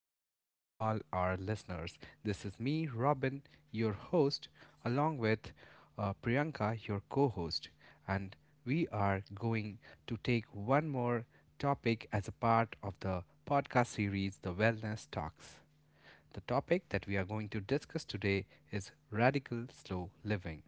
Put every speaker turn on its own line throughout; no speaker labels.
welcome to all our listeners. This is me, Robin, your host, along with Priyanka, your co host, and we are going to take one more topic as a part of the podcast series, The Wellness Talks. The topic that we are going to discuss today is radical slow living.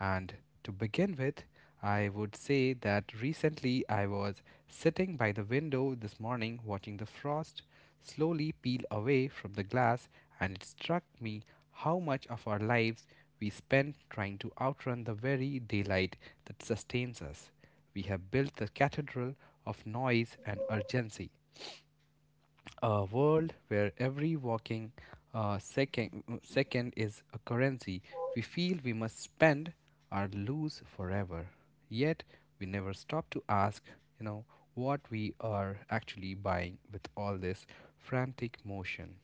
And to begin with, I would say that recently I was sitting by the window this morning watching the frost slowly peel away from the glass, and it struck me how much of our lives we spend trying to outrun the very daylight that sustains us. We have built the cathedral of noise and urgency, a world where every walking second is a currency we feel we must spend or lose forever, yet we never stop to ask you know what we are actually buying with all this frantic motion.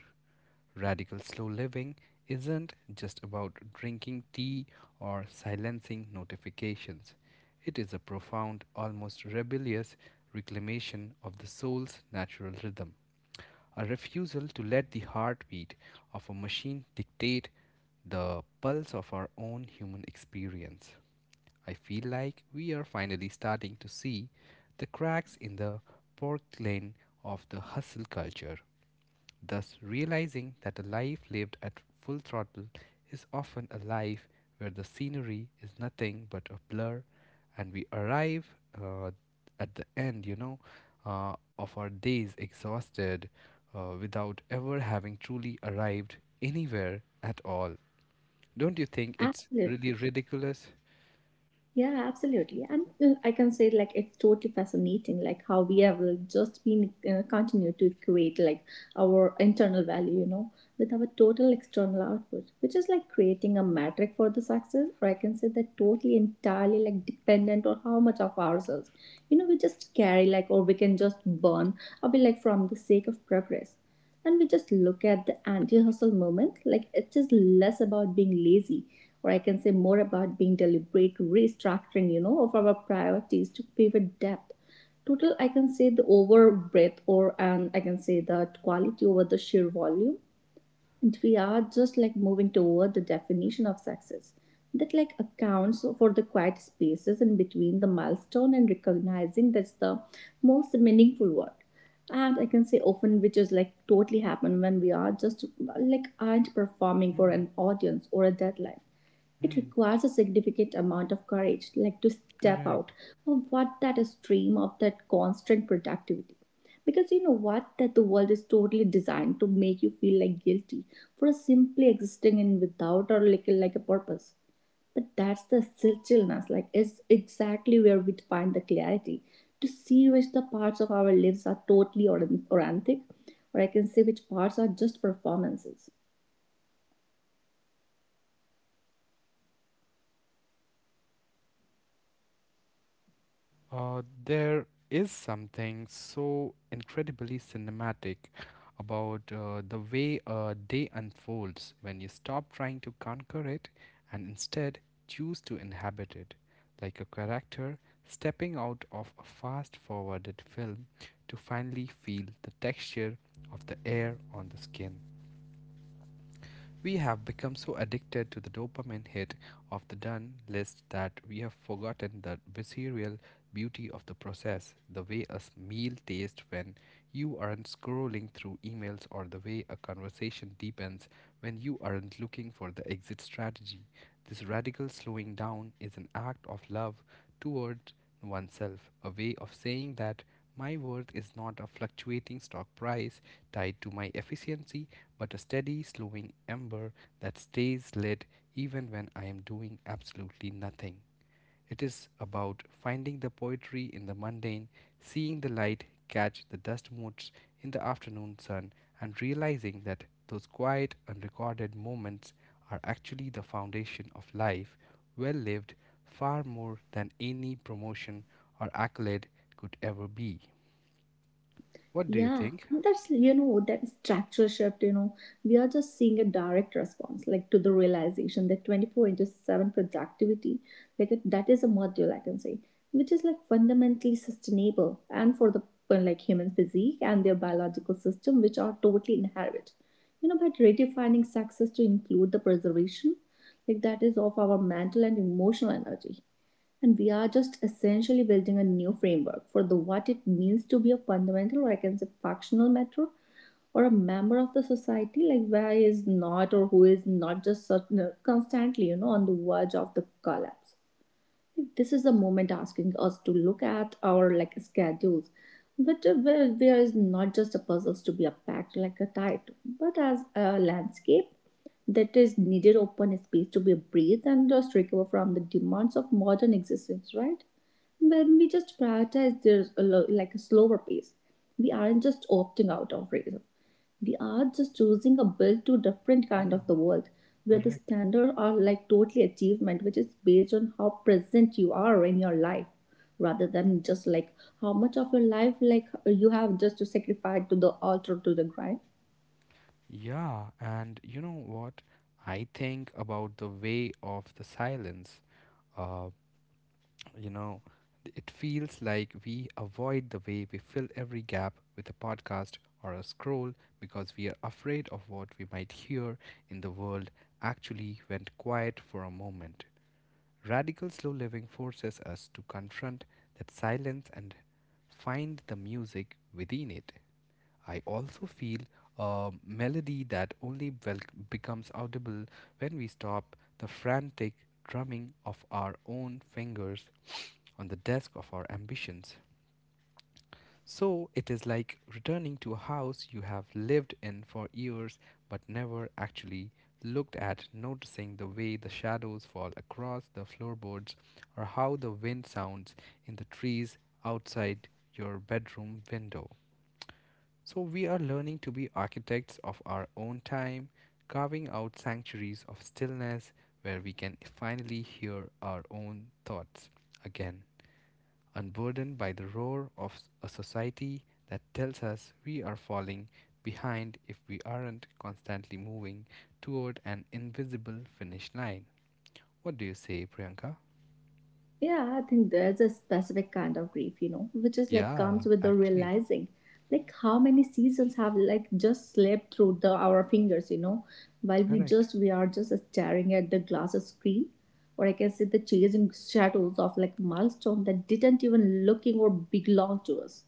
Radical slow living isn't just about drinking tea or silencing notifications. It is a profound, almost rebellious reclamation of the soul's natural rhythm. A refusal to let the heartbeat of a machine dictate the pulse of our own human experience. I feel like we are finally starting to see the cracks in the porcelain of the hustle culture, thus realizing that a life lived at full throttle is often a life where the scenery is nothing but a blur, and we arrive, uh, at the end, of our days exhausted, without ever having truly arrived anywhere at all. Don't you think it's really
Absolutely.
ridiculous?
Yeah, absolutely. And I can say like it's totally fascinating, like how we have just been continue to equate like our internal value, you know, with our total external output, which is like creating a metric for the success, or I can say that totally entirely like dependent on how much of ourselves, you know, we just carry like, or we can just burn, or be like from the sake of progress and we just look at the anti-hustle moment like it is less about being lazy or I can say more about being deliberate restructuring, you know, of our priorities to favor depth. Total, I can say the over breadth, or and I can say that quality over the sheer volume. And we are just like moving toward the definition of success that like accounts for the quiet spaces in between the milestone and recognizing that's the most meaningful work and I can say often which is like totally happen when we are just like aren't performing for an audience or a deadline. It
Hmm,
requires a significant amount of courage, like to step out
correct.
of what that is stream of that constant productivity. Because you know what? That the world is totally designed to make you feel like guilty for simply existing in without or like a purpose. But that's the stillness, like it's exactly where we find the clarity to see which the parts of our lives are totally organic, or I can say which parts are just performances.
There is something so incredibly cinematic about the way a day unfolds when you stop trying to conquer it and instead choose to inhabit it, like a character stepping out of a fast forwarded film to finally feel the texture of the air on the skin. We have become so addicted to the dopamine hit of the done list that we have forgotten the visceral beauty of the process, the way a meal tastes when you aren't scrolling through emails, or the way a conversation deepens when you aren't looking for the exit strategy. This radical slowing down is an act of love toward oneself, a way of saying that my worth is not a fluctuating stock price, tied to my efficiency, but a steady, slowing ember that stays lit even when I am doing absolutely nothing. It is about finding the poetry in the mundane, seeing the light catch the dust motes in the afternoon sun, and realizing that those quiet, unrecorded moments are actually the foundation of life, well lived, far more than any promotion or accolade could ever be. What do you
Yeah,
think?
and that's you know that structure shift. You know, we are just seeing a direct response, like to the realization that 24/7 productivity, like it, that is a module I can say, which is like fundamentally sustainable and for the like human physique and their biological system, which are totally inherent. You know, by redefining success to include the preservation, like that is of our mental and emotional energy and we are just essentially building a new framework for the what it means to be a fundamental or I can say functional matter or a member of the society like where is not or who is not just certain, constantly you know on the verge of the collapse. Like, this is a moment asking us to look at our like schedules but where is not just a puzzles to be unpacked like a title but as a landscape that is needed open space to be breathed and just recover from the demands of modern existence, right? When we just prioritize there's a like a slower pace, we aren't just opting out of racism, we are just choosing a built to different kind of the world where the
Correct.
standard are like totally achievement which is based on how present you are in your life, rather than just like how much of your life like you have just to sacrifice to the altar to the grind.
Yeah, and you know what? I think about the way of the silence. Uh, you know, it feels like we avoid the way we fill every gap with a podcast or a scroll because we are afraid of what we might hear in the world actually went quiet for a moment. Radical slow living forces us to confront that silence and find the music within it. I also feel a melody that only becomes audible when we stop the frantic drumming of our own fingers on the desk of our ambitions. So it is like returning to a house you have lived in for years but never actually looked at, noticing the way the shadows fall across the floorboards or how the wind sounds in the trees outside your bedroom window. So we are learning to be architects of our own time, carving out sanctuaries of stillness where we can finally hear our own thoughts again, unburdened by the roar of a society that tells us we are falling behind if we aren't constantly moving toward an invisible finish line. What do you say, Priyanka?
Yeah, I think there's a specific kind of grief, you know, which is like
Yeah,
comes with the
actually,
realizing like how many seasons have like just slipped through the our fingers, you know, while we
correct.
just we are just staring at the glass screen. Or I can say the chasing shadows of like milestone that didn't even looking or belong to us.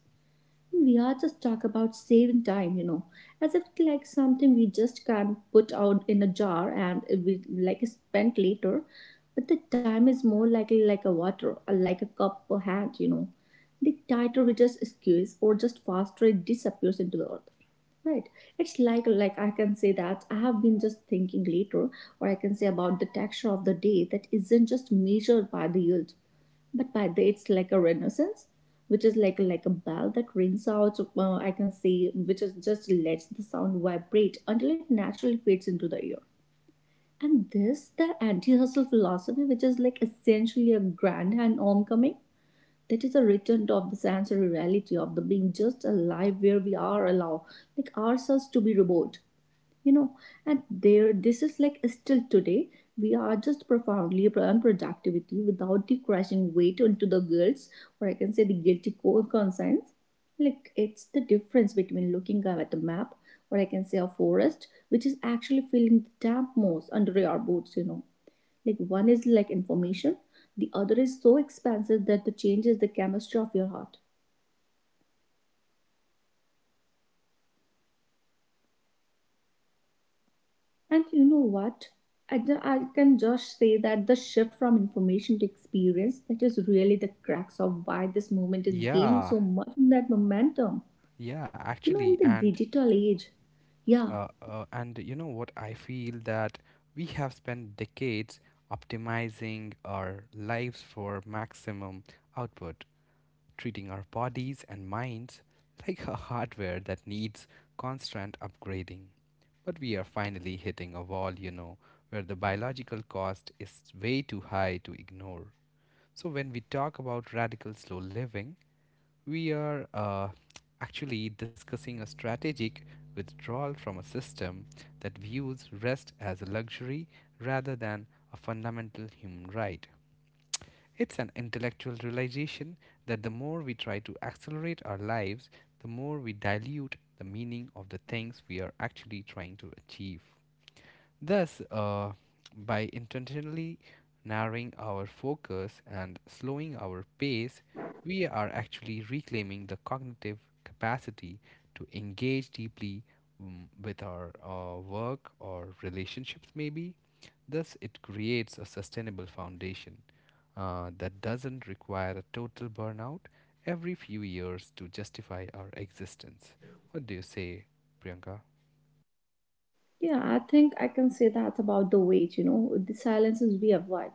We are just talk about saving time, you know, as if like something we just can't put out in a jar and we like spent later. But the time is more likely like a water, or like a cup or hand, you know. The tighter we just squeeze or just faster it disappears into the earth. Right. It's like I can say that I have been just thinking later, or I can say about the texture of the day that isn't just measured by the yield but by the it's like a renaissance which is like a bell that rings out I can say which is just lets the sound vibrate until it naturally fades into the ear and this the anti-hustle philosophy which is like essentially a grand and homecoming that is a return of the sensory reality of the being just alive where we are allowed, like ourselves to be remote, you know, and there this is like still today we are just profoundly unproductivity without the crashing weight into the guilt or I can say the guilty conscience, like it's the difference between looking at a map or I can say a forest which is actually feeling the damp moss under our boots, you know, like one is like information, the other is so expansive that the changes the chemistry of your heart. And you know what? I can just say that the shift from information to experience that is really the cracks of why this movement is gaining
Yeah,
so much in that momentum.
yeah,
You know,
actually,
in the
and
digital age, yeah.
you know what? I feel that we have spent decades optimizing our lives for maximum output, treating our bodies and minds like a hardware that needs constant upgrading. But we are finally hitting a wall, you know, where the biological cost is way too high to ignore. So, when we talk about radical slow living, we are actually discussing a strategic withdrawal from a system that views rest as a luxury rather than a fundamental human right. It's an intellectual realization that the more we try to accelerate our lives, the more we dilute the meaning of the things we are actually trying to achieve. Thus, by intentionally narrowing our focus and slowing our pace, we are actually reclaiming the cognitive capacity to engage deeply, with our work or relationships, maybe. Thus, it creates a sustainable foundation that doesn't require a total burnout every few years to justify our existence. What do you say, Priyanka?
Yeah, I think I can say that about the wage, you know, the silences we avoid.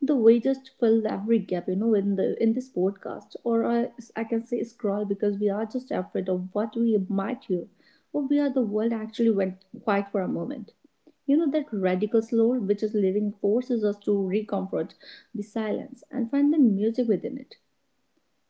The wages fill every gap, you know, in this podcast, I can say scroll because we are just afraid of what we might hear, or we are the world actually went quiet for a moment. You know that radical slow, which is living, forces us to recomfort the silence and find the music within it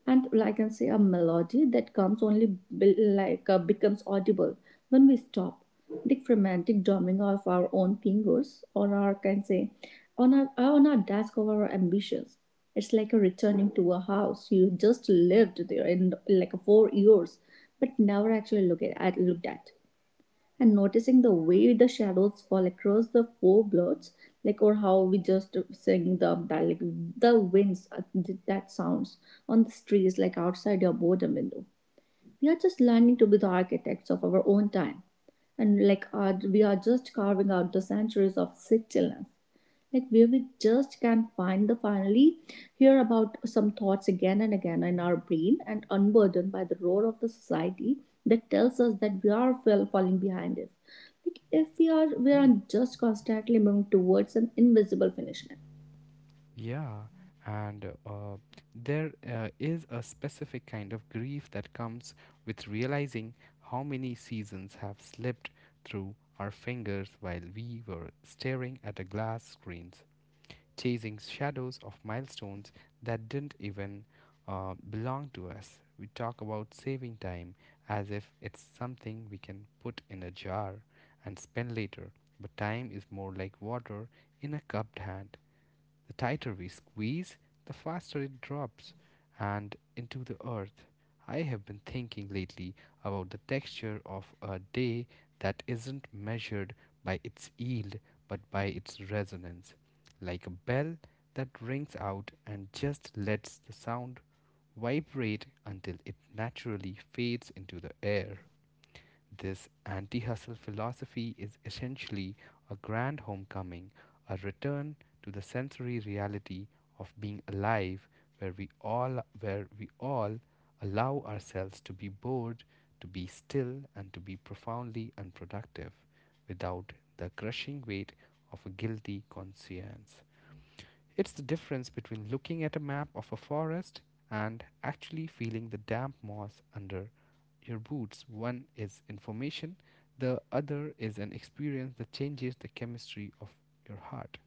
and like, I can say a melody that comes only like becomes audible when we stop. The frantic drumming of our own fingers or our can say on our desk of our ambitions. It's like a returning to a house you just lived there in like 4 years, but never actually looked at and noticing the way the shadows fall across the four blocks, like or how we just sing the that like the winds that sounds on the streets like outside your boredom window. We are just learning to be the architects of our own time, and like our, we are just carving out the centuries of stillness like where we just can find the finally hear about some thoughts again and again in our brain and unburdened by the roar of the society that tells us that we are falling behind if like if we are just constantly moving towards an invisible finish line.
Yeah, and there is a specific kind of grief that comes with realizing how many seasons have slipped through our fingers while we were staring at the glass screens, chasing shadows of milestones that didn't even, belong to us. We talk about saving time as if it's something we can put in a jar and spend later, but time is more like water in a cupped hand. The tighter we squeeze, the faster it drops and into the earth. I have been thinking lately about the texture of a day that isn't measured by its yield but by its resonance, like a bell that rings out and just lets the sound vibrate until it naturally fades into the air. This anti hustle philosophy is essentially a grand homecoming, a return to the sensory reality of being alive where we all allow ourselves to be bored, to be still and to be profoundly unproductive without the crushing weight of a guilty conscience. It's the difference between looking at a map of a forest and actually feeling the damp moss under your boots. One is information, the other is an experience that changes the chemistry of your heart.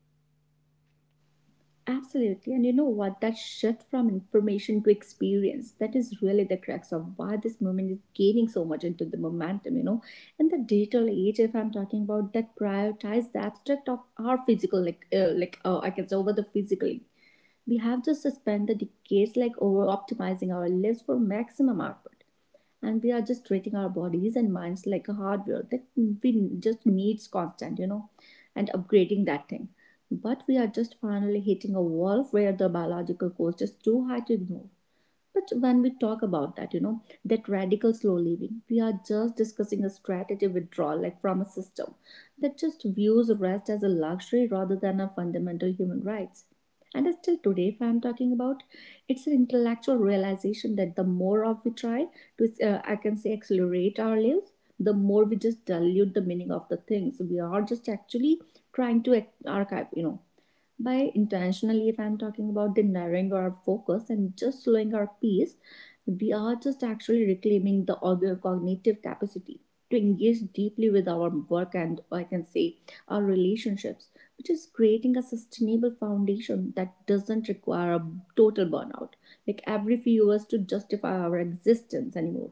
Absolutely. And you know what? That shift from information to experience, that is really the crux of why this movement is gaining so much into the momentum, you know. In the digital age, if I'm talking about that prioritize the abstract of our physical, like, I can say over the physical. We have to suspend the decades like over optimizing our lives for maximum output and we are just treating our bodies and minds like a hardware that we just needs constant, you know, and upgrading that thing, but we are just finally hitting a wall where the biological cost is too high to ignore. But when we talk about that, you know, that radical slow living, we are just discussing a strategy withdrawal, like from a system that just views rest as a luxury rather than a fundamental human rights. And still today, if I'm talking about, it's an intellectual realization that the more of we try to, I can say, accelerate our lives, the more we just dilute the meaning of the things we are just actually trying to archive, you know. By intentionally if I'm talking about the narrowing our focus and just slowing our pace, we are just actually reclaiming the other cognitive capacity to engage deeply with our work and I can say our relationships, which is creating a sustainable foundation that doesn't require a total burnout like every few years to justify our existence anymore.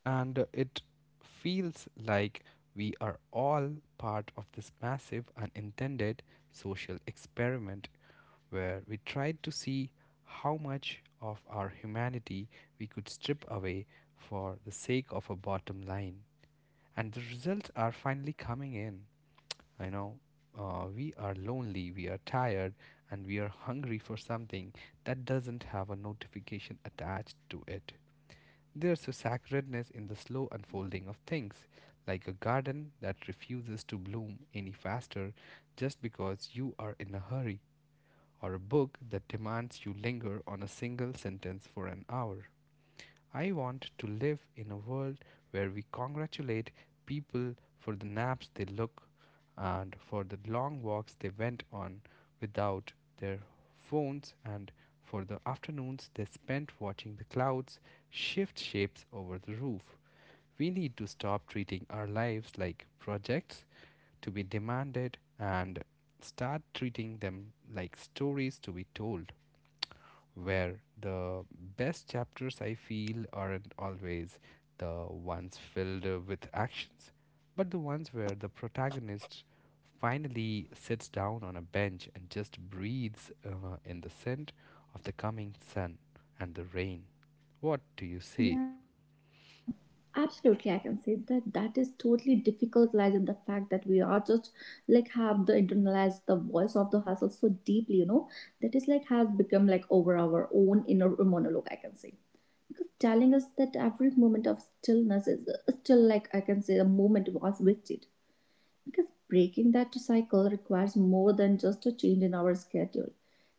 And it feels like we are all part of this massive unintended social experiment where we tried to see how much of our humanity we could strip away for the sake of a bottom line, and the results are finally coming in, you know. We are lonely, we are tired, and we are hungry for something that doesn't have a notification attached to it. There's a sacredness in the slow unfolding of things, like a garden that refuses to bloom any faster just because you are in a hurry, or a book that demands you linger on a single sentence for an hour. I want to live in a world where we congratulate people for the naps they took, and for the long walks they went on without their phones, and for the afternoons they spent watching the clouds shift shapes over the roof. We need to stop treating our lives like projects to be demanded and start treating them like stories to be told, where the best chapters, I feel, aren't always the ones filled with actions, but the ones where the protagonist finally sits down on a bench and just breathes, in the scent of the coming sun and the rain. What do you say?
Yeah, absolutely. I can say that that is totally difficult lies in the fact that we are just like have the internalized the voice of the hustle so deeply, you know, that is like has become like over our own inner monologue, I can say. Because telling us that every moment of stillness is still like I can say the moment was wasted. Because breaking that cycle requires more than just a change in our schedule.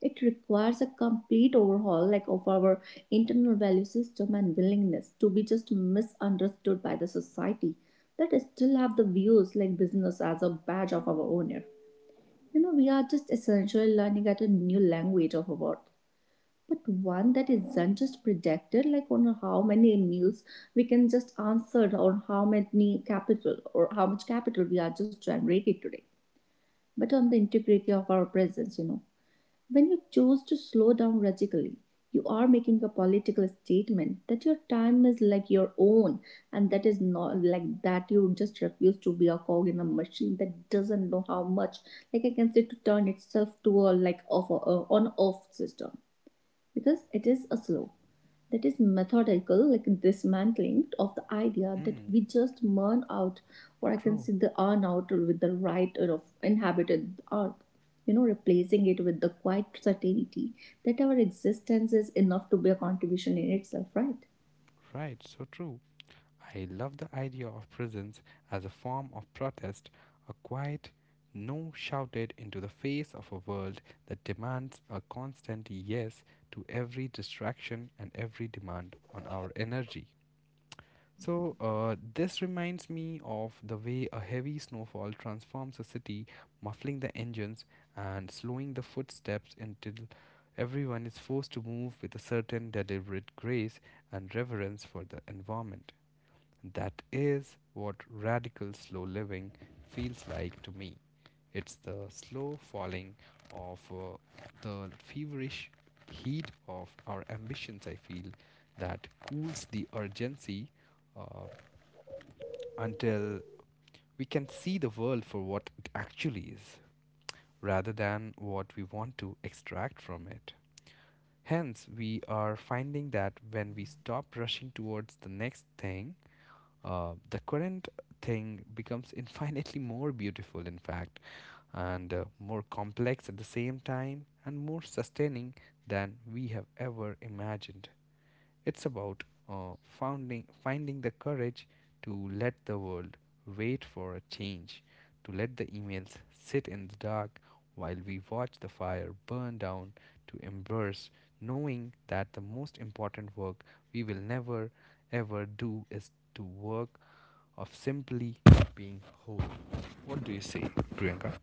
It requires a complete overhaul like of our internal value system and willingness to be just misunderstood by the society that still have the views like business as a badge of our honor. You know, we are just essentially learning at a new language of our world, but one that isn't just predicted like on how many meals we can just answer on how many capital or how much capital we are just generating today but on the integrity of our presence, you know. When you choose to slow down radically, you are making a political statement that your time is like your own and that is not like that you just refuse to be a cog in a machine that doesn't know how much like I can say to turn itself to a like off a on off system because it is a slow that is methodical like dismantling of the idea that
Mm,
we just burn out or I can
true.
say the earn out with the right of inhabited earth, you know, replacing it with the quiet certainty that our existence is enough to be a contribution in itself, right?
Right, so true. I love the idea of prisons as a form of protest, a quiet no shouted into the face of a world that demands a constant yes to every distraction and every demand on our energy. So, this reminds me of the way a heavy snowfall transforms a city, muffling the engines and slowing the footsteps until everyone is forced to move with a certain deliberate grace and reverence for the environment. That is what radical slow living feels like to me. It's the slow falling of the feverish heat of our ambitions, I feel, that cools the urgency uh, until we can see the world for what it actually is, rather than what we want to extract from it. Hence, we are finding that when we stop rushing towards the next thing, the current thing becomes infinitely more beautiful, in fact, and more complex at the same time, and more sustaining than we have ever imagined. It's about finding the courage to let the world wait for a change, to let the emails sit in the dark while we watch the fire burn down, to embrace knowing that the most important work we will never ever do is to work of simply being whole. What do you say, Priyanka?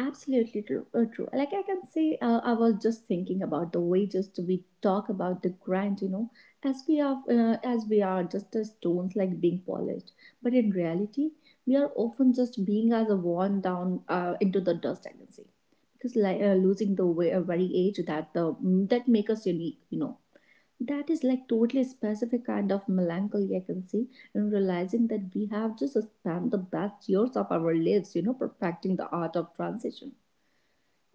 Absolutely true. True. Like I can say, I was just thinking about the way just we talk about the grind, you know, as we are just as stones like being polished, but in reality, we are often just being as a worn down into the dust. I can say because like losing the way, very age that that make us unique, you know. That is like totally specific kind of melancholy I can see in realizing that we have just spent the best years of our lives, you know, perfecting the art of transition.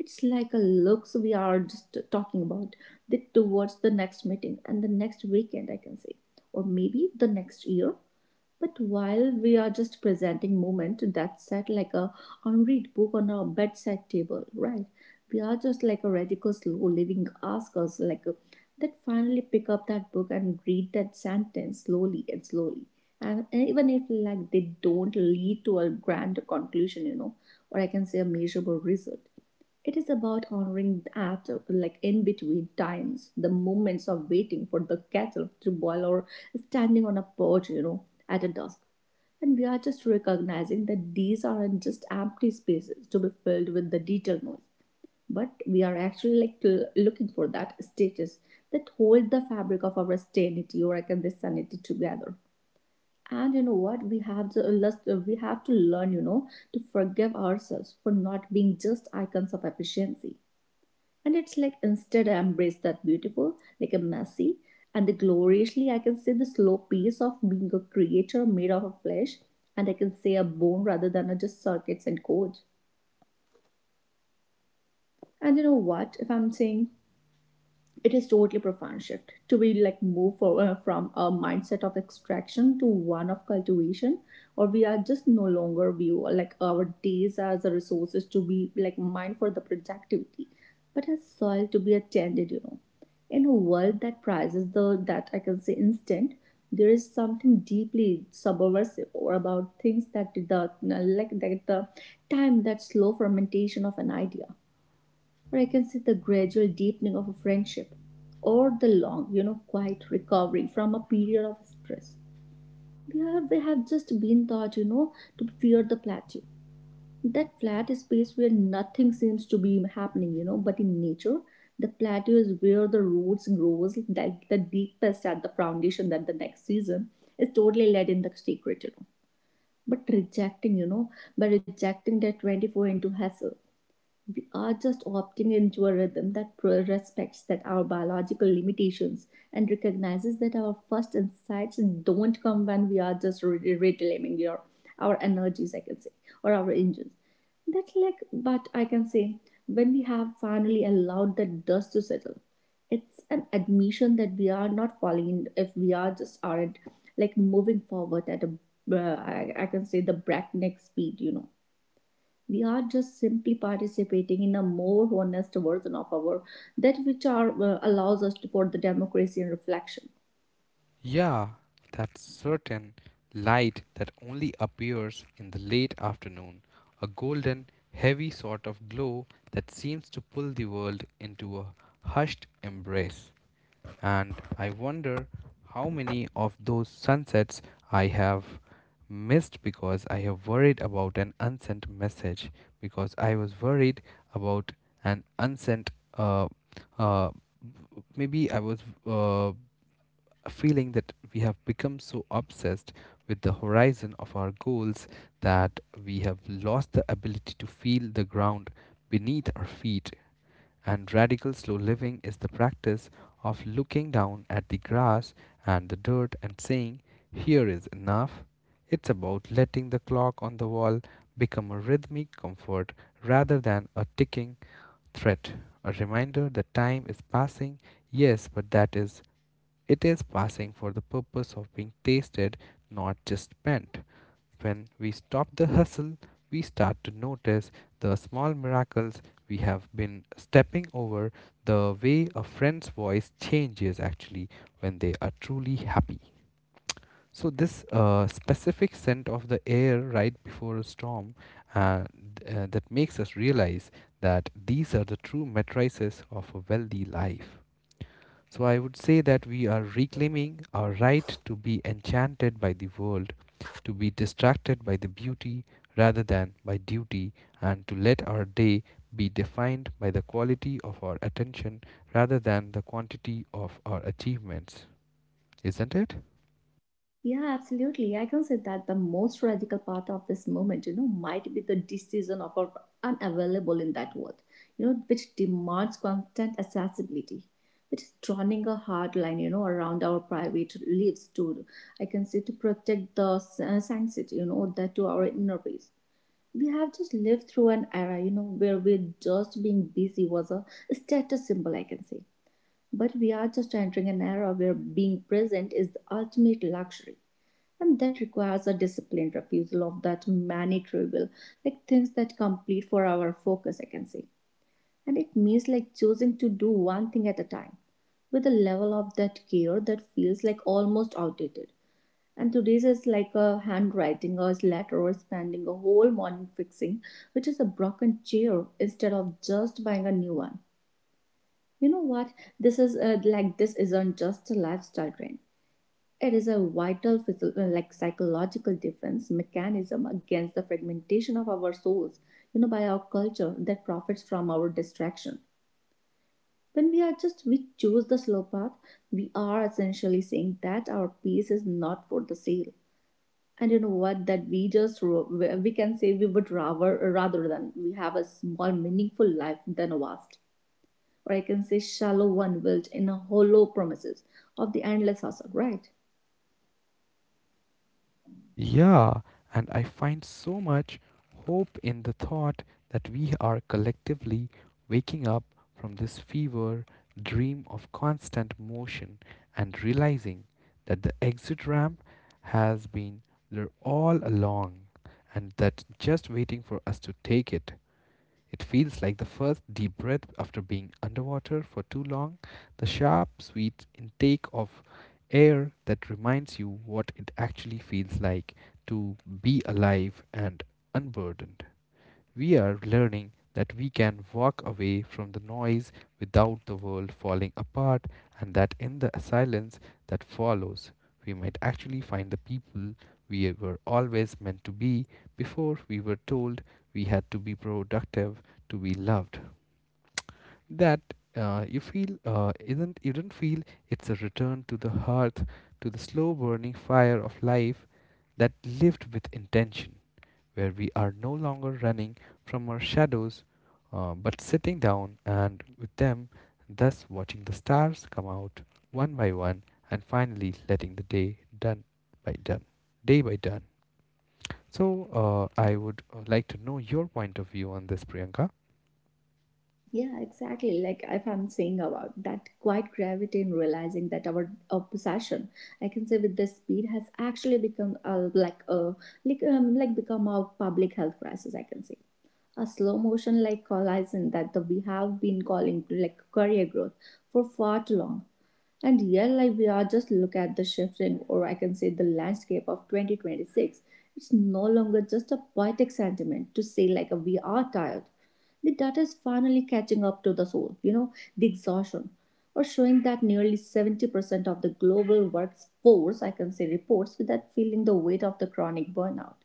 It's like a looks we are just talking about that towards the next meeting and the next weekend, I can say, or maybe the next year. But while we are just presenting moment that's set like a unread book on our bedside table, right? We are just like a radical slow living ask us like a, that finally pick up that book and read that sentence slowly and slowly. And even if like they don't lead to a grand conclusion, you know, or I can say a measurable result, it is about honoring that, like in between times, the moments of waiting for the kettle to boil or standing on a porch, you know, at a dusk. And we are just recognizing that these aren't just empty spaces to be filled with the detail noise, but we are actually like looking for that status that hold the fabric of our sanity or I can this sanity together. And you know what? We have to learn, you know, to forgive ourselves for not being just icons of efficiency, and it's like instead I embrace that beautiful, like a messy, and the gloriously I can say the slow pace of being a creature made out of a flesh, and I can say a bone rather than a just circuits and codes. And you know what? If I'm saying, it is totally profound shift to be like from a mindset of extraction to one of cultivation, or we are just no longer view like our days as a resources to be like mined for the productivity, but as soil to be attended, you know. In a world that prizes the that I can say instant, there is something deeply subversive or about things that the time that slow fermentation of an idea, or I can say the gradual deepening of a friendship, or the long, you know, quiet recovery from a period of stress. We have just been taught, you know, to fear the plateau. That flat space where nothing seems to be happening, you know, but in nature, the plateau is where the roots grows like the deepest at the foundation that the next season is totally led in the secret, you know. But rejecting, you know, by rejecting that 24 into hassle, we are just opting into a rhythm that respects that our biological limitations and recognizes that our first insights don't come when we are just reclaiming your our energies I can say or our engines. That's like but I can say when we have finally allowed the dust to settle, it's an admission that we are not falling if we are just aren't like moving forward at a uh, I can say the breakneck speed, you know, we are just simply participating in a more honest version of our that which are allows us to for the democracy and reflection.
Yeah, that certain light that only appears in the late afternoon, a golden, heavy sort of glow that seems to pull the world into a hushed embrace. And I wonder how many of those sunsets I have missed because I have worried about an unsent message, because I was worried about an unsent, uh, uh, maybe I was uh, feeling that we have become so obsessed with the horizon of our goals that we have lost the ability to feel the ground beneath our feet. And radical slow living is the practice of looking down at the grass and the dirt and saying, "Here is enough." It's about letting the clock on the wall become a rhythmic comfort rather than a ticking threat, a reminder that time is passing, yes, but that is it is passing for the purpose of being tasted, not just spent. When we stop the hustle, we start to notice the small miracles we have been stepping over, the way a friend's voice changes actually when they are truly happy. So, this specific scent of the air right before a storm, uh, that makes us realize that these are the true matrices of a wealthy life. So I would say that we are reclaiming our right to be enchanted by the world, to be distracted by the beauty rather than by duty, and to let our day be defined by the quality of our attention rather than the quantity of our achievements. Isn't it?
Yeah, absolutely, I can say that the most radical part of this movement, you know, might be the decision of our unavailable in that world, you know, which demands constant accessibility, which is drawing a hard line, you know, around our private lives to I can say to protect the sanctity, you know, that to our inner peace. We have just lived through an era, you know, where we're just being busy was a status symbol, I can say. But we are just entering an era where being present is the ultimate luxury. And that requires a disciplined refusal of that many trivial, like things that complete for our focus, I can say. And it means like choosing to do one thing at a time with a level of that care that feels like almost outdated. And today's is like a handwriting or a letter or spending a whole morning fixing, which is a broken chair instead of just buying a new one. You know what? This is like this isn't just a lifestyle trend. It is a vital like psychological defense mechanism against the fragmentation of our souls, you know, by our culture that profits from our distraction. When we are just we choose the slow path, we are essentially saying that our peace is not for the sale, and you know what that we can say we would rather than we have a small meaningful life than a vast, or I can say shallow one built in a hollow promises of the endless hustle, right?
Yeah, and I find so much hope in the thought that we are collectively waking up from this fever dream of constant motion and realizing that the exit ramp has been there all along and that just waiting for us to take it. It feels like the first deep breath after being underwater for too long, the sharp, sweet intake of air that reminds you what it actually feels like to be alive and unburdened. We are learning that we can walk away from the noise without the world falling apart, and that in the silence that follows, we might actually find the people we were always meant to be before we were told we had to be productive to be loved. That you feel isn't you don't feel it's a return to the hearth, to the slow burning fire of life that lived with intention, where we are no longer running from our shadows but sitting down and with them, thus watching the stars come out one by one and finally letting the day done by done, day by done. So I would like to know your point of view on this, Priyanka.
Yeah, exactly, like if I'm saying about that quite gravity in realizing that our possession I can say with this speed has actually become like become a public health crisis, I can say, a slow motion like collision that the, we have been calling like career growth for far too long. And here, like we are just look at the shifting, or I can say the landscape of 2026. It's no longer just a poetic sentiment to say like we are tired. The data is finally catching up to the soul, you know, the exhaustion, or showing that nearly 70% of the global workforce, I can say, reports without feeling the weight of the chronic burnout.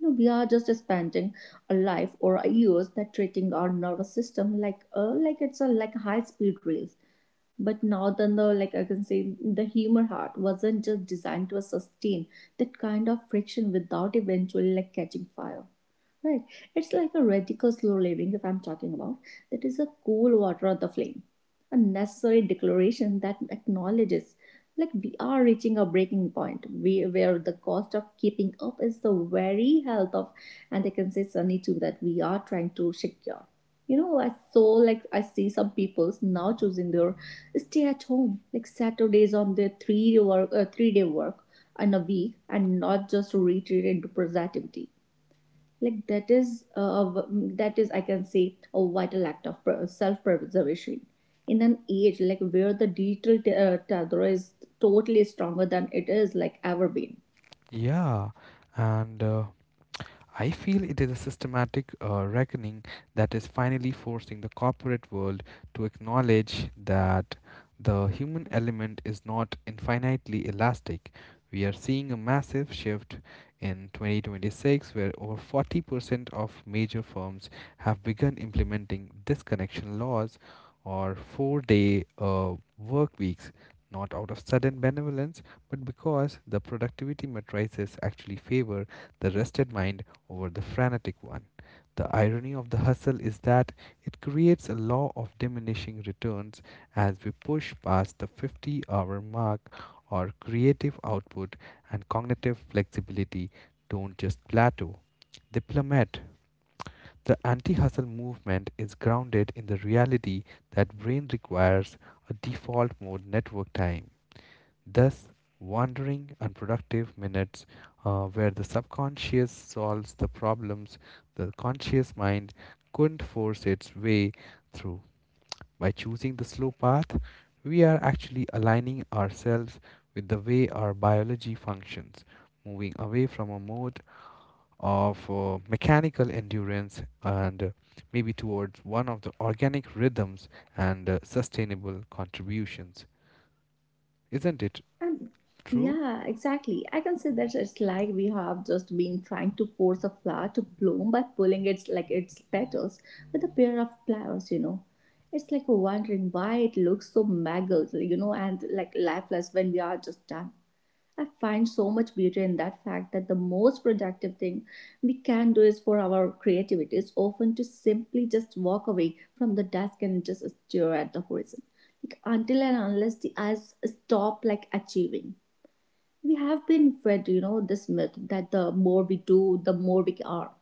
No, we are just spending a life or a years that treating our nervous system like like it's a like a high speed race. But now then the like I can say the human heart wasn't just designed to sustain that kind of friction without eventually like catching fire, right? It's like a radical slow living, if I'm talking about, that is a cool water on the flame, a necessary declaration that acknowledges like we are reaching a breaking point we, where the cost of keeping up is the very health of, and I can say sunny too that we are trying to secure, you know. I saw like I see some people's now choosing their stay at home like saturdays on their 3 day work in a week and not just to retreat into productivity. Like that is I can say a vital act of self preservation in an age like where the digital tether is totally stronger than it is like ever been.
Yeah, and I feel it is a systematic reckoning that is finally forcing the corporate world to acknowledge that the human element is not infinitely elastic. We are seeing a massive shift in 2026, where over 40% of major firms have begun implementing disconnection laws or 4-day work weeks, not out of sudden benevolence, but because the productivity matrices actually favor the rested mind over the frenetic one. The irony of the hustle is that it creates a law of diminishing returns as we push past the 50-hour mark. Our creative output and cognitive flexibility don't just plateau, they plummet. The anti hustle movement is grounded in the reality that brain requires a default mode network time. Thus, wandering, unproductive minutes where the subconscious solves the problems the conscious mind couldn't force its way through. By choosing the slow path, we are actually aligning ourselves with the way our biology functions, moving away from a mode of mechanical endurance and, maybe towards one of the organic rhythms and sustainable contributions. Isn't it
And
true?
yeah, exactly, I can say that it's like we have just been trying to force a flower to bloom by pulling its petals with a pair of pliers, you know. It's like wondering why it looks so mangled, you know, and like lifeless when we are just done. I find so much beauty in that fact that the most productive thing we can do is for our creativity is often to simply just walk away from the desk and just stare at the horizon. Like until and unless the eyes stop like achieving. We have been fed, you know, this myth that the more we do, the more we are.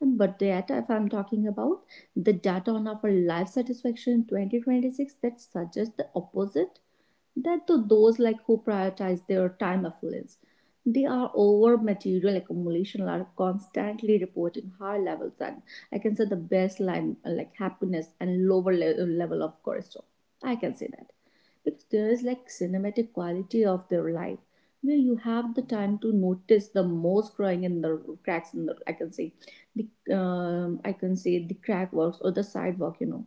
And but data, if I'm talking about the data on our life satisfaction in 2026 that suggests the opposite, that to those like who prioritize their time affluence they are over material accumulation are constantly reporting high levels, and I can say the baseline like happiness and lower level of cortisol, I can say that, because there is like cinematic quality of their life where you have the time to notice the most growing in the cracks in the I can say the I can say the crack works or the sidewalk, you know,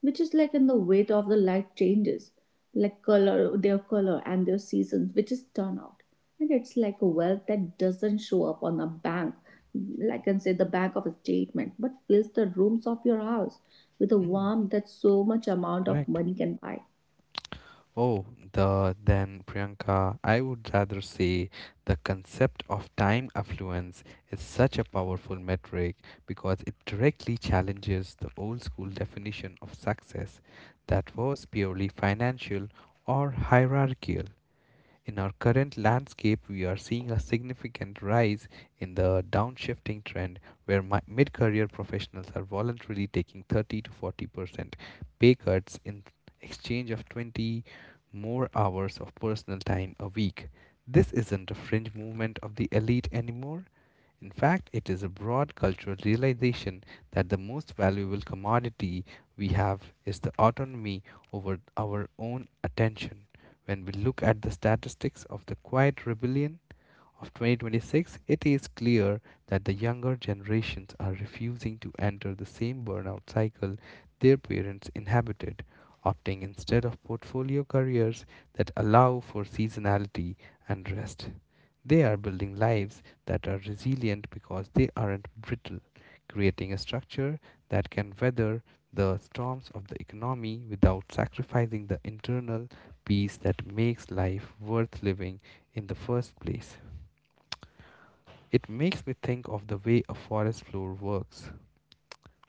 which is like in the weight of the light changes, like color, their color and their seasons, which is turned out. And it's like a wealth that doesn't show up on a bank, like I can say the bank of a statement, but fills the rooms of your house with a
Mm,
warmth that so much amount of
correct.
money can buy.
Oh, the then Priyanka, I would rather say the concept of time affluence is such a powerful metric because it directly challenges the old school definition of success that was purely financial or hierarchical. In our current landscape, we are seeing a significant rise in the downshifting trend where mid career professionals are voluntarily taking 30 to 40% pay cuts in exchange of 20 more hours of personal time a week. This isn't a fringe movement of the elite anymore, in fact, it is a broad cultural realization that the most valuable commodity we have is the autonomy over our own attention. When we look at the statistics of the quiet rebellion of 2026, it is clear that the younger generations are refusing to enter the same burnout cycle their parents inhabited, opting instead of portfolio careers that allow for seasonality and rest. They are building lives that are resilient because they aren't brittle, creating a structure that can weather the storms of the economy without sacrificing the internal peace that makes life worth living in the first place. It makes me think of the way a forest floor works.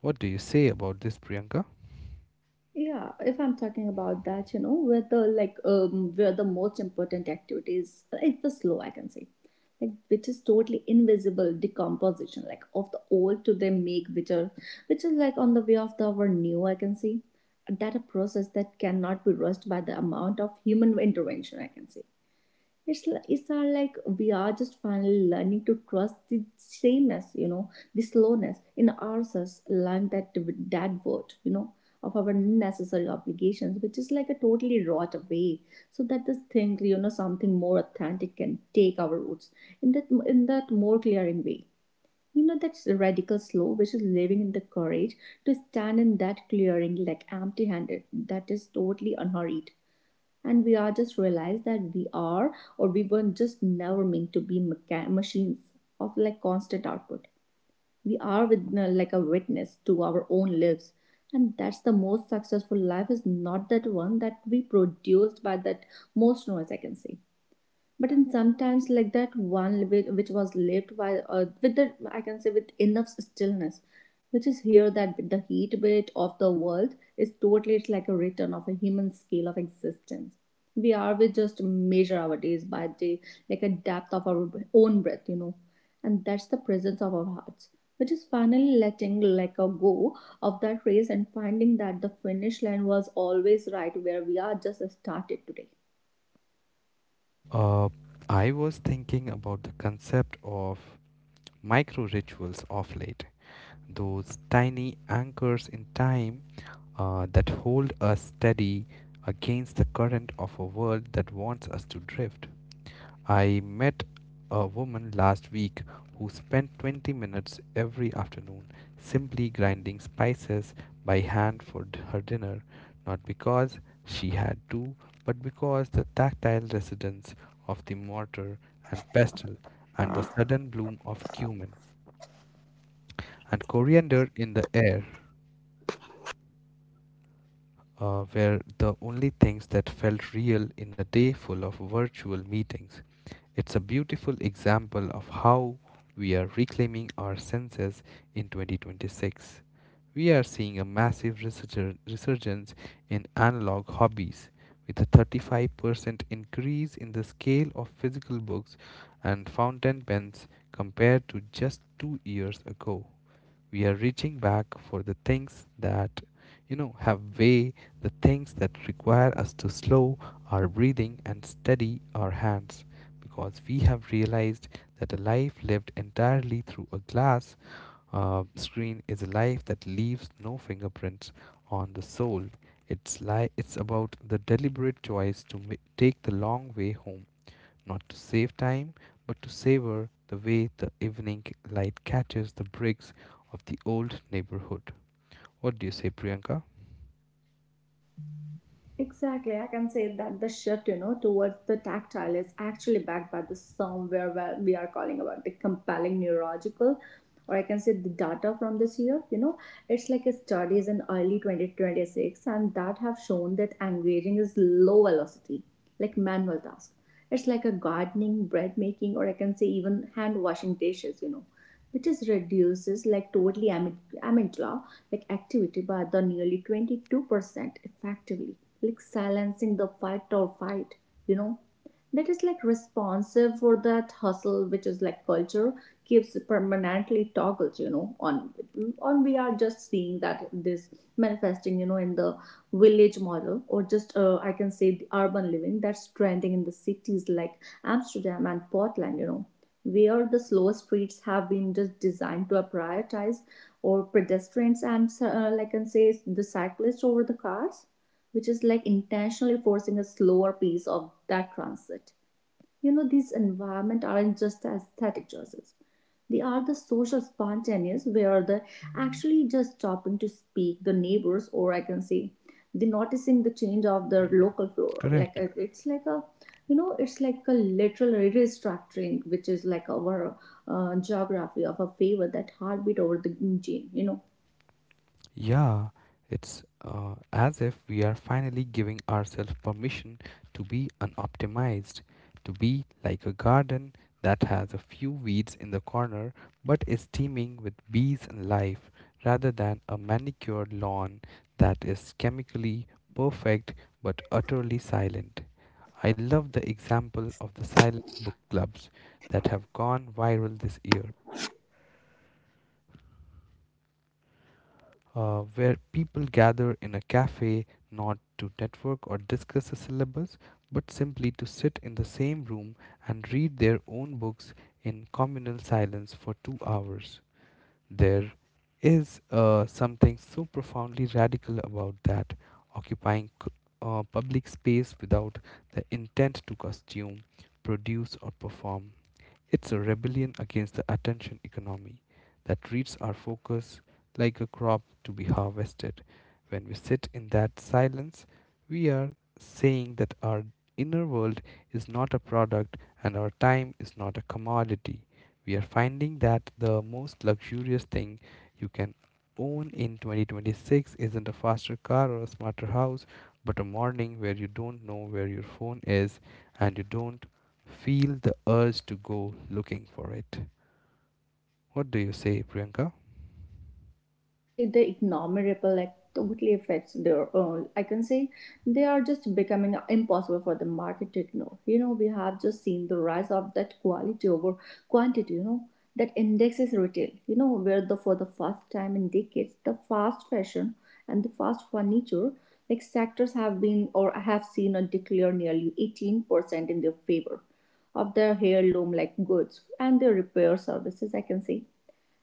What do you say about this, Priyanka?
Yeah, if I'm talking about that, you know, where the like where the most important activities it's the slow I can say. Like which is totally invisible decomposition like of the old to they make which are which is like on the way of the our new I can see that a process that cannot be rushed by the amount of human intervention I can see. It's are like we are just finally learning to trust the sameness, you know, the slowness in ourselves. Learn that that word, you know, of our necessary obligations, which is like a totally rot away, so that this thing, you know, something more authentic can take our roots in that more clearing way. You know, that's radical slow, which is living in the courage to stand in that clearing like empty handed. That is totally unhurried, and we are just realized that we are or we were just never meant to be machines of like constant output. We are with like a witness to our own lives, and that's the most successful life is not that one that we produced by that most noise I can say, but in sometimes like that one which was lived while with the I can say with enough stillness which is here that the heat bit of the world is totally it's like a return of a human scale of existence. We just measure our days by day like a depth of our own breath, you know, and that's the presence of our hearts which is finally letting like a go of that race and finding that the finish line was always right where we are just started today.
Uh, I was thinking about the concept of micro rituals of late, those tiny anchors in time that hold us steady against the current of a world that wants us to drift. I met a woman last week who spent 20 minutes every afternoon simply grinding spices by hand for her dinner, not because she had to, but because the tactile resonance of the mortar and pestle and the sudden bloom of cumin and coriander in the air were the only things that felt real in a day full of virtual meetings. It's a beautiful example of how we are reclaiming our senses in 2026. We are seeing a massive resurgence in analog hobbies, with a 35% increase in the scale of physical books and fountain pens compared to just 2 years ago. We are reaching back for the things that have way the things that require us to slow our breathing and steady our hands, because we have realized that a life lived entirely through a glass screen is a life that leaves no fingerprints on the soul. It's about the deliberate choice to take the long way home, not to save time, but to savor the way the evening light catches the bricks of the old neighborhood. What do you say, Priyanka?
Exactly, I can say that the shift, you know, towards the tactile is actually backed by the somewhere where we are calling about the compelling neurological, or I can say the data from this year. You know, it's like a studies in early 2026, and that have shown that engaging is low velocity, like manual task. It's like a gardening, bread making, or I can say even hand washing dishes. You know, which is reduces like totally amygdala like activity by the nearly 22% effectively like silencing the fight or fight, you know, that is like responsive for that hustle which is like culture keeps permanently toggled you know on. On we are just seeing that this manifesting you know in the village model or just I can say the urban living that's trending in the cities like amsterdam and portland, you know, where the slow streets have been just designed to prioritize or pedestrians and like I can say the cyclists over the cars which is like intentionally forcing a slower pace of that transit. You know, these environment aren't just aesthetic choices. They are the social spontaneous where the actually just stopping to speak the neighbors or I can say the noticing the change of the
Mm,
local flora. Like
correct.
it's like a you know it's like a literal restructuring which is like our geography of a favor that heartbeat over the gene, you know,
Yeah, it's as if we are finally giving ourselves permission to be unoptimized, to be like a garden that has a few weeds in the corner but is teeming with bees and life, rather than a manicured lawn that is chemically perfect but utterly silent. I love the example of the silent book clubs that have gone viral this year, where people gather in a cafe not to network or discuss a syllabus, but simply to sit in the same room and read their own books in communal silence for 2 hours. There is something so profoundly radical about that, occupying public space without the intent to costume, produce, or perform. It's a rebellion against the attention economy that treats our focus like a crop to be harvested. When we sit in that silence, we are saying that our inner world is not a product and our time is not a commodity. We are finding that the most luxurious thing you can own in 2026 isn't a faster car or a smarter house, but a morning where you don't know where your phone is and you don't feel the urge to go looking for it. What do you say, Priyanka?
that the economic ripple like totally affects their own I can say. They are just becoming impossible for the market to ignore, you know. We have just seen the rise of that quality over quantity, you know, that indexes retail, you know, where the for the first time in decades the fast fashion and the fast furniture like sectors have been or have seen a decline nearly 18% in their favor of their heirloom like goods and their repair services I can say.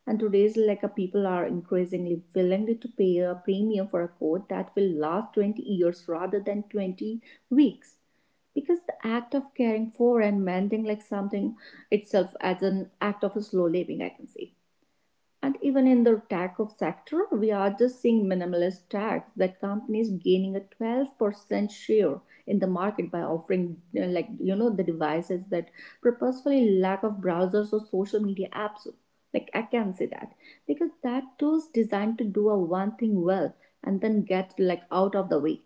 And today's like a people are increasingly willing to pay a premium for a coat that will last 20 years rather than 20 weeks, because the act of caring for and mending like something itself as an act of a slow living I can say. And even in the tech of sector, we are just seeing minimalist tax that companies gaining a 12% share in the market by offering like you know the devices that purposefully lack of browsers or social media apps. Like I can say that because that tool's designed to do a one thing well and then get like out of the way.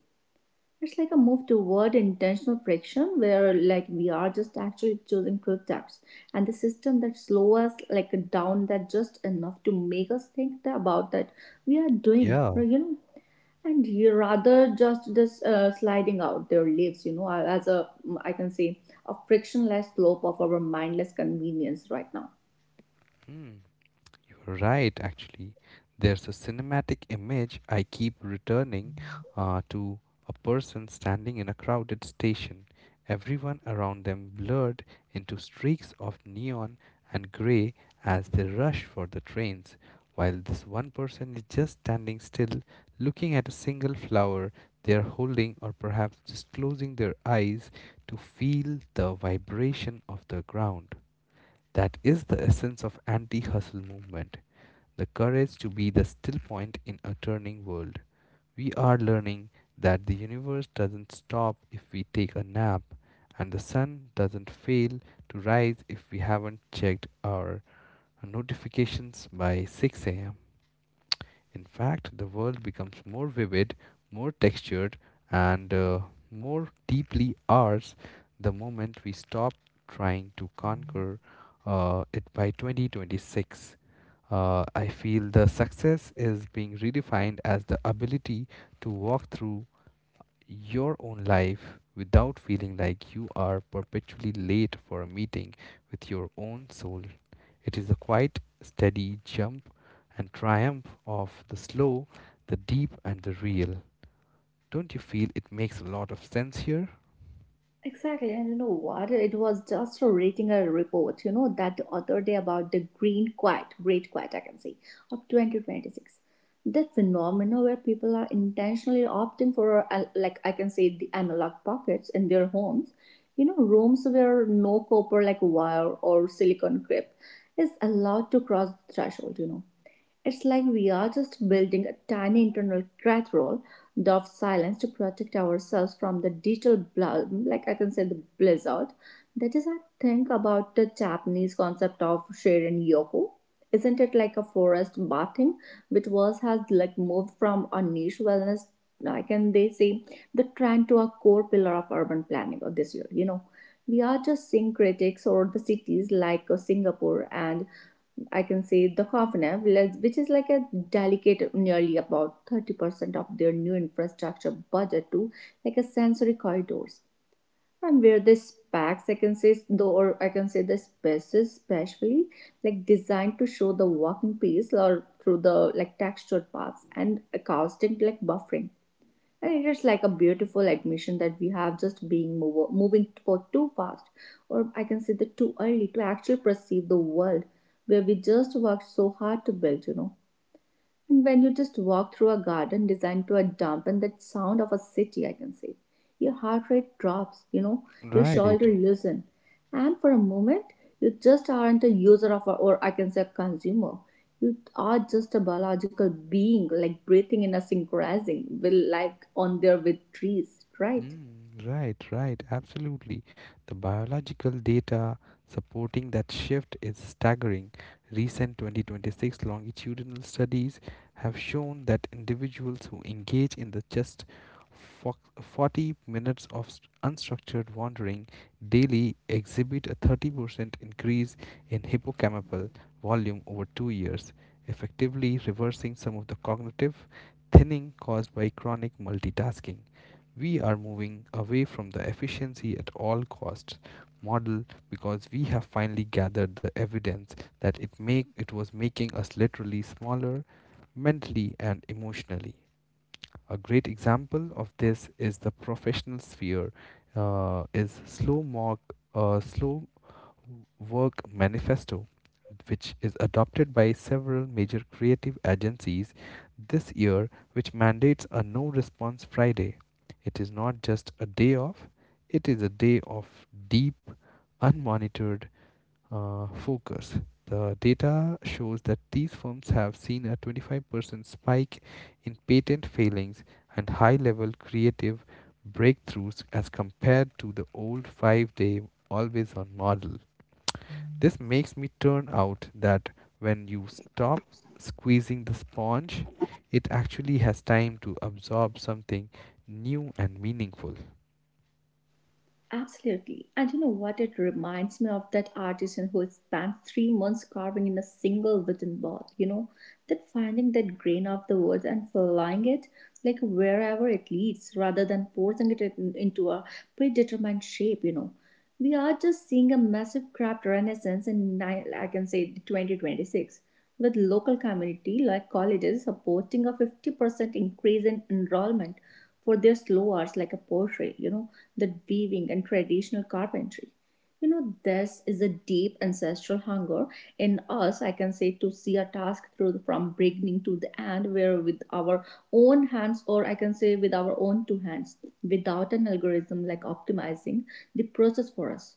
It's like a move toward intentional friction where like we are just actually choosing truth depths and the system that slow us like down that just enough to make us think about that we are doing
Yeah.
right, you know, and you rather just this sliding out their lives you know as a I can say a frictionless slope of our mindless convenience right now.
Hmm. You're right, actually. There's a cinematic image I keep returning to, a person standing in a crowded station, everyone around them blurred into streaks of neon and gray as they rush for the trains, while this one person is just standing still, looking at a single flower they are holding, or perhaps just closing their eyes to feel the vibration of the ground. That is the essence of anti hustle movement, the courage to be the still point in a turning world. We are learning that the universe doesn't stop if we take a nap, and the sun doesn't fail to rise if we haven't checked our notifications by 6 am. In fact, the world becomes more vivid, more textured, and more deeply ours the moment we stop trying to conquer it by 2026. I feel the success is being redefined as the ability to walk through your own life without feeling like you are perpetually late for a meeting with your own soul. It is the quiet, steady jump and triumph of the slow, the deep, and the real. Don't you feel it makes a lot of sense here?
Exactly, and you know what? It was just reading a report, you know, that the other day about the green quiet, great quiet, I can say, of 2026. That phenomena where people are intentionally opting for, like I can say, the analog pockets in their homes, you know, rooms where no copper like wire or silicon grip is allowed to cross the threshold, you know. It's like we are just building a tiny internal cathedral of silence to protect ourselves from the digital, like I can say, the blizzard. That is, I think, about the Japanese concept of Shirin Yoko. Isn't it like a forest bathing, which was has like moved from a niche wellness, I can they say, the trend to a core pillar of urban planning of this year, you know, we are just seeing critics or the cities like Singapore and I can say the Dakovenev, which is like a delicate nearly about 30% of their new infrastructure budget to like a sensory corridors. And where the specs, I can say, though, or I can say the spaces specially like designed to show the walking pace or through the like textured paths and acoustic like buffering, and it is like a beautiful admission that we have just being moving for too fast or I can say that too early to actually perceive the world where we just worked so hard to build, you know. And when you just walk through a garden designed to a dump and that sound of a city I can say, your heart rate drops, you know, your shoulder
Right.
loosen, and for a moment you just aren't a user of a, or I can say a consumer. You are just a biological being like breathing in a synchronizing will like on there with trees, right?
Mm, right, right, absolutely. The biological data supporting that shift is staggering. Recent 2026 longitudinal studies have shown that individuals who engage in the just 40 minutes of unstructured wandering daily exhibit a 30% increase in hippocampal volume over 2 years, effectively reversing some of the cognitive thinning caused by chronic multitasking. We are moving away from the efficiency at all costs model, because we have finally gathered the evidence that it was making us literally smaller mentally and emotionally. A great example of this is the professional sphere, is slow mock slow work manifesto, which is adopted by several major creative agencies this year, which mandates a no response Friday. It is not just a day off, it is a day of deep, unmonitored focus. The data shows that these firms have seen a 25% spike in patent failings and high level creative breakthroughs as compared to the old 5-day always on model. This makes me turn out that when you stop squeezing the sponge, it actually has time to absorb something new and meaningful.
Absolutely. And you know what? It reminds me of that artisan who spent 3 months carving in a single wooden ball, you know, that finding that grain of the wood and flying it like wherever it leads rather than forcing it into a predetermined shape, you know. We are just seeing a massive craft renaissance in, I can say, 2026, with local community like colleges supporting a 50% increase in enrollment for their slow arts like a portrait, you know, the weaving and traditional carpentry. You know, this is a deep ancestral hunger in us, I can say, to see a task through from beginning to the end, where with our own hands, or I can say with our own two hands, without an algorithm like optimizing the process for us.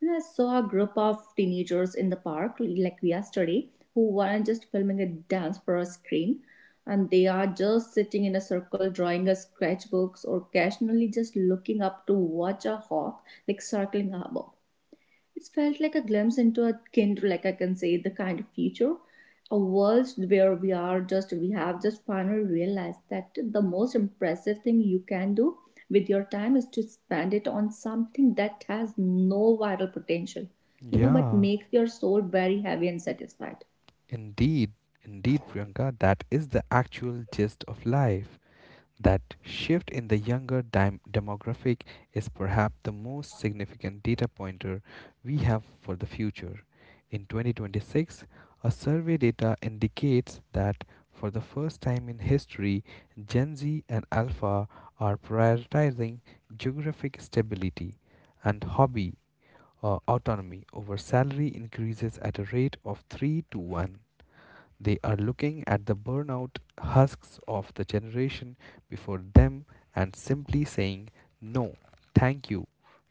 And I saw a group of teenagers in the park, like yesterday, who weren't just filming a dance for a screen, and they are just sitting in a circle drawing a sketchbooks or occasionally just looking up to watch a hawk like circling above. It felt like a glimpse into a kind, like I can say, the kind of future, a world where we have just finally realized that the most impressive thing you can do with your time is to spend it on something that has no viral potential, you know, but makes your soul very heavy and satisfied.
Indeed, indeed, Priyanka, that is the actual gist of life. That shift in the younger demographic is perhaps the most significant data pointer we have for the future. In 2026, a survey data indicates that for the first time in history, Gen Z and Alpha are prioritizing geographic stability and hobby autonomy over salary increases at a rate of 3 to 1. They are looking at the burnout husks of the generation before them and simply saying, no, thank you.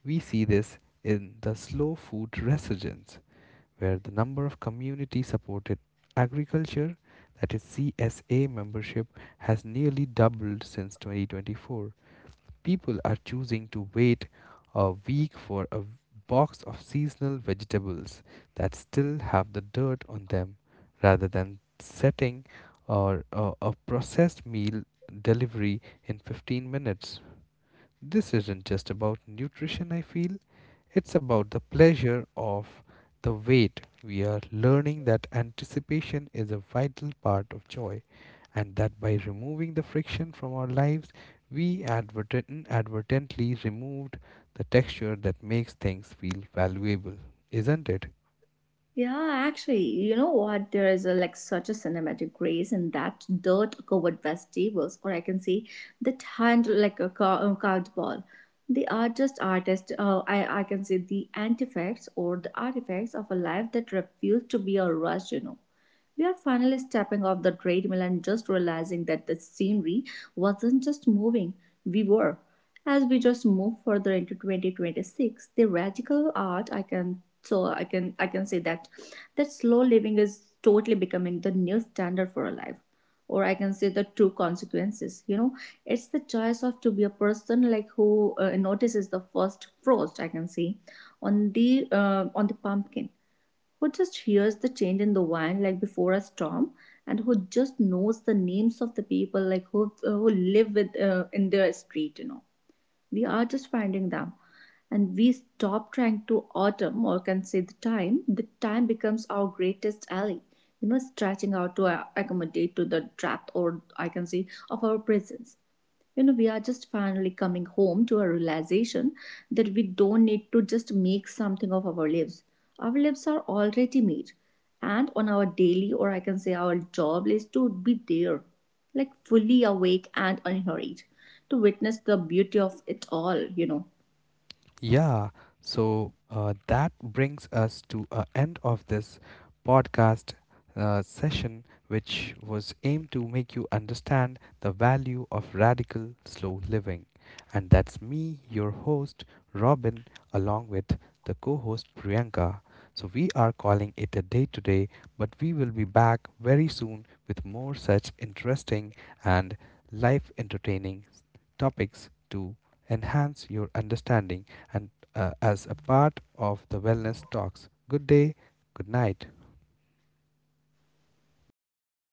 We see this in the slow food resurgence, where the number of community supported agriculture, that is CSA membership, has nearly doubled since 2024. People are choosing to wait a week for a box of seasonal vegetables that still have the dirt on them rather than setting or a processed meal delivery in 15 minutes. This isn't just about nutrition, I feel. It's about the pleasure of the wait. We are learning that anticipation is a vital part of joy and that by removing the friction from our lives, we inadvertently removed the texture that makes things feel valuable, isn't it?
Yeah, actually, you know what? There is a, like such a cinematic grace in that dirt-covered vegetables, or I can say that hand like a, a carved ball. They are just artists. I can say the artifacts or the artifacts of a life that refused to be a rush. You know, we are finally stepping off the treadmill and just realizing that the scenery wasn't just moving; we were. As we just move further into 2026, the radical art I can so I can say that that slow living is totally becoming the new standard for a life or I can say the true consequences, you know. It's the choice of to be a person like who notices the first frost I can say on the pumpkin, who just hears the change in the wind like before a storm, and who just knows the names of the people like who live with in their street, you know. We are just finding them, and we stop trying to autumn or can say the time. The time becomes our greatest ally, you know, stretching out to accommodate to the depth or I can say of our presence, you know. We are just finally coming home to a realization that we don't need to just make something of our lives. Our lives are already made, and on our daily or I can say our job is to be there like fully awake and unhurried to witness the beauty of it all, you know.
Yeah, so that brings us to a end of this podcast session, which was aimed to make you understand the value of radical slow living. And that's me, your host, Robin, along with the co host, Priyanka. So we are calling it a day today, but we will be back very soon with more such interesting and life entertaining topics to enhance your understanding and, as a part of the wellness talks. Good day, good night.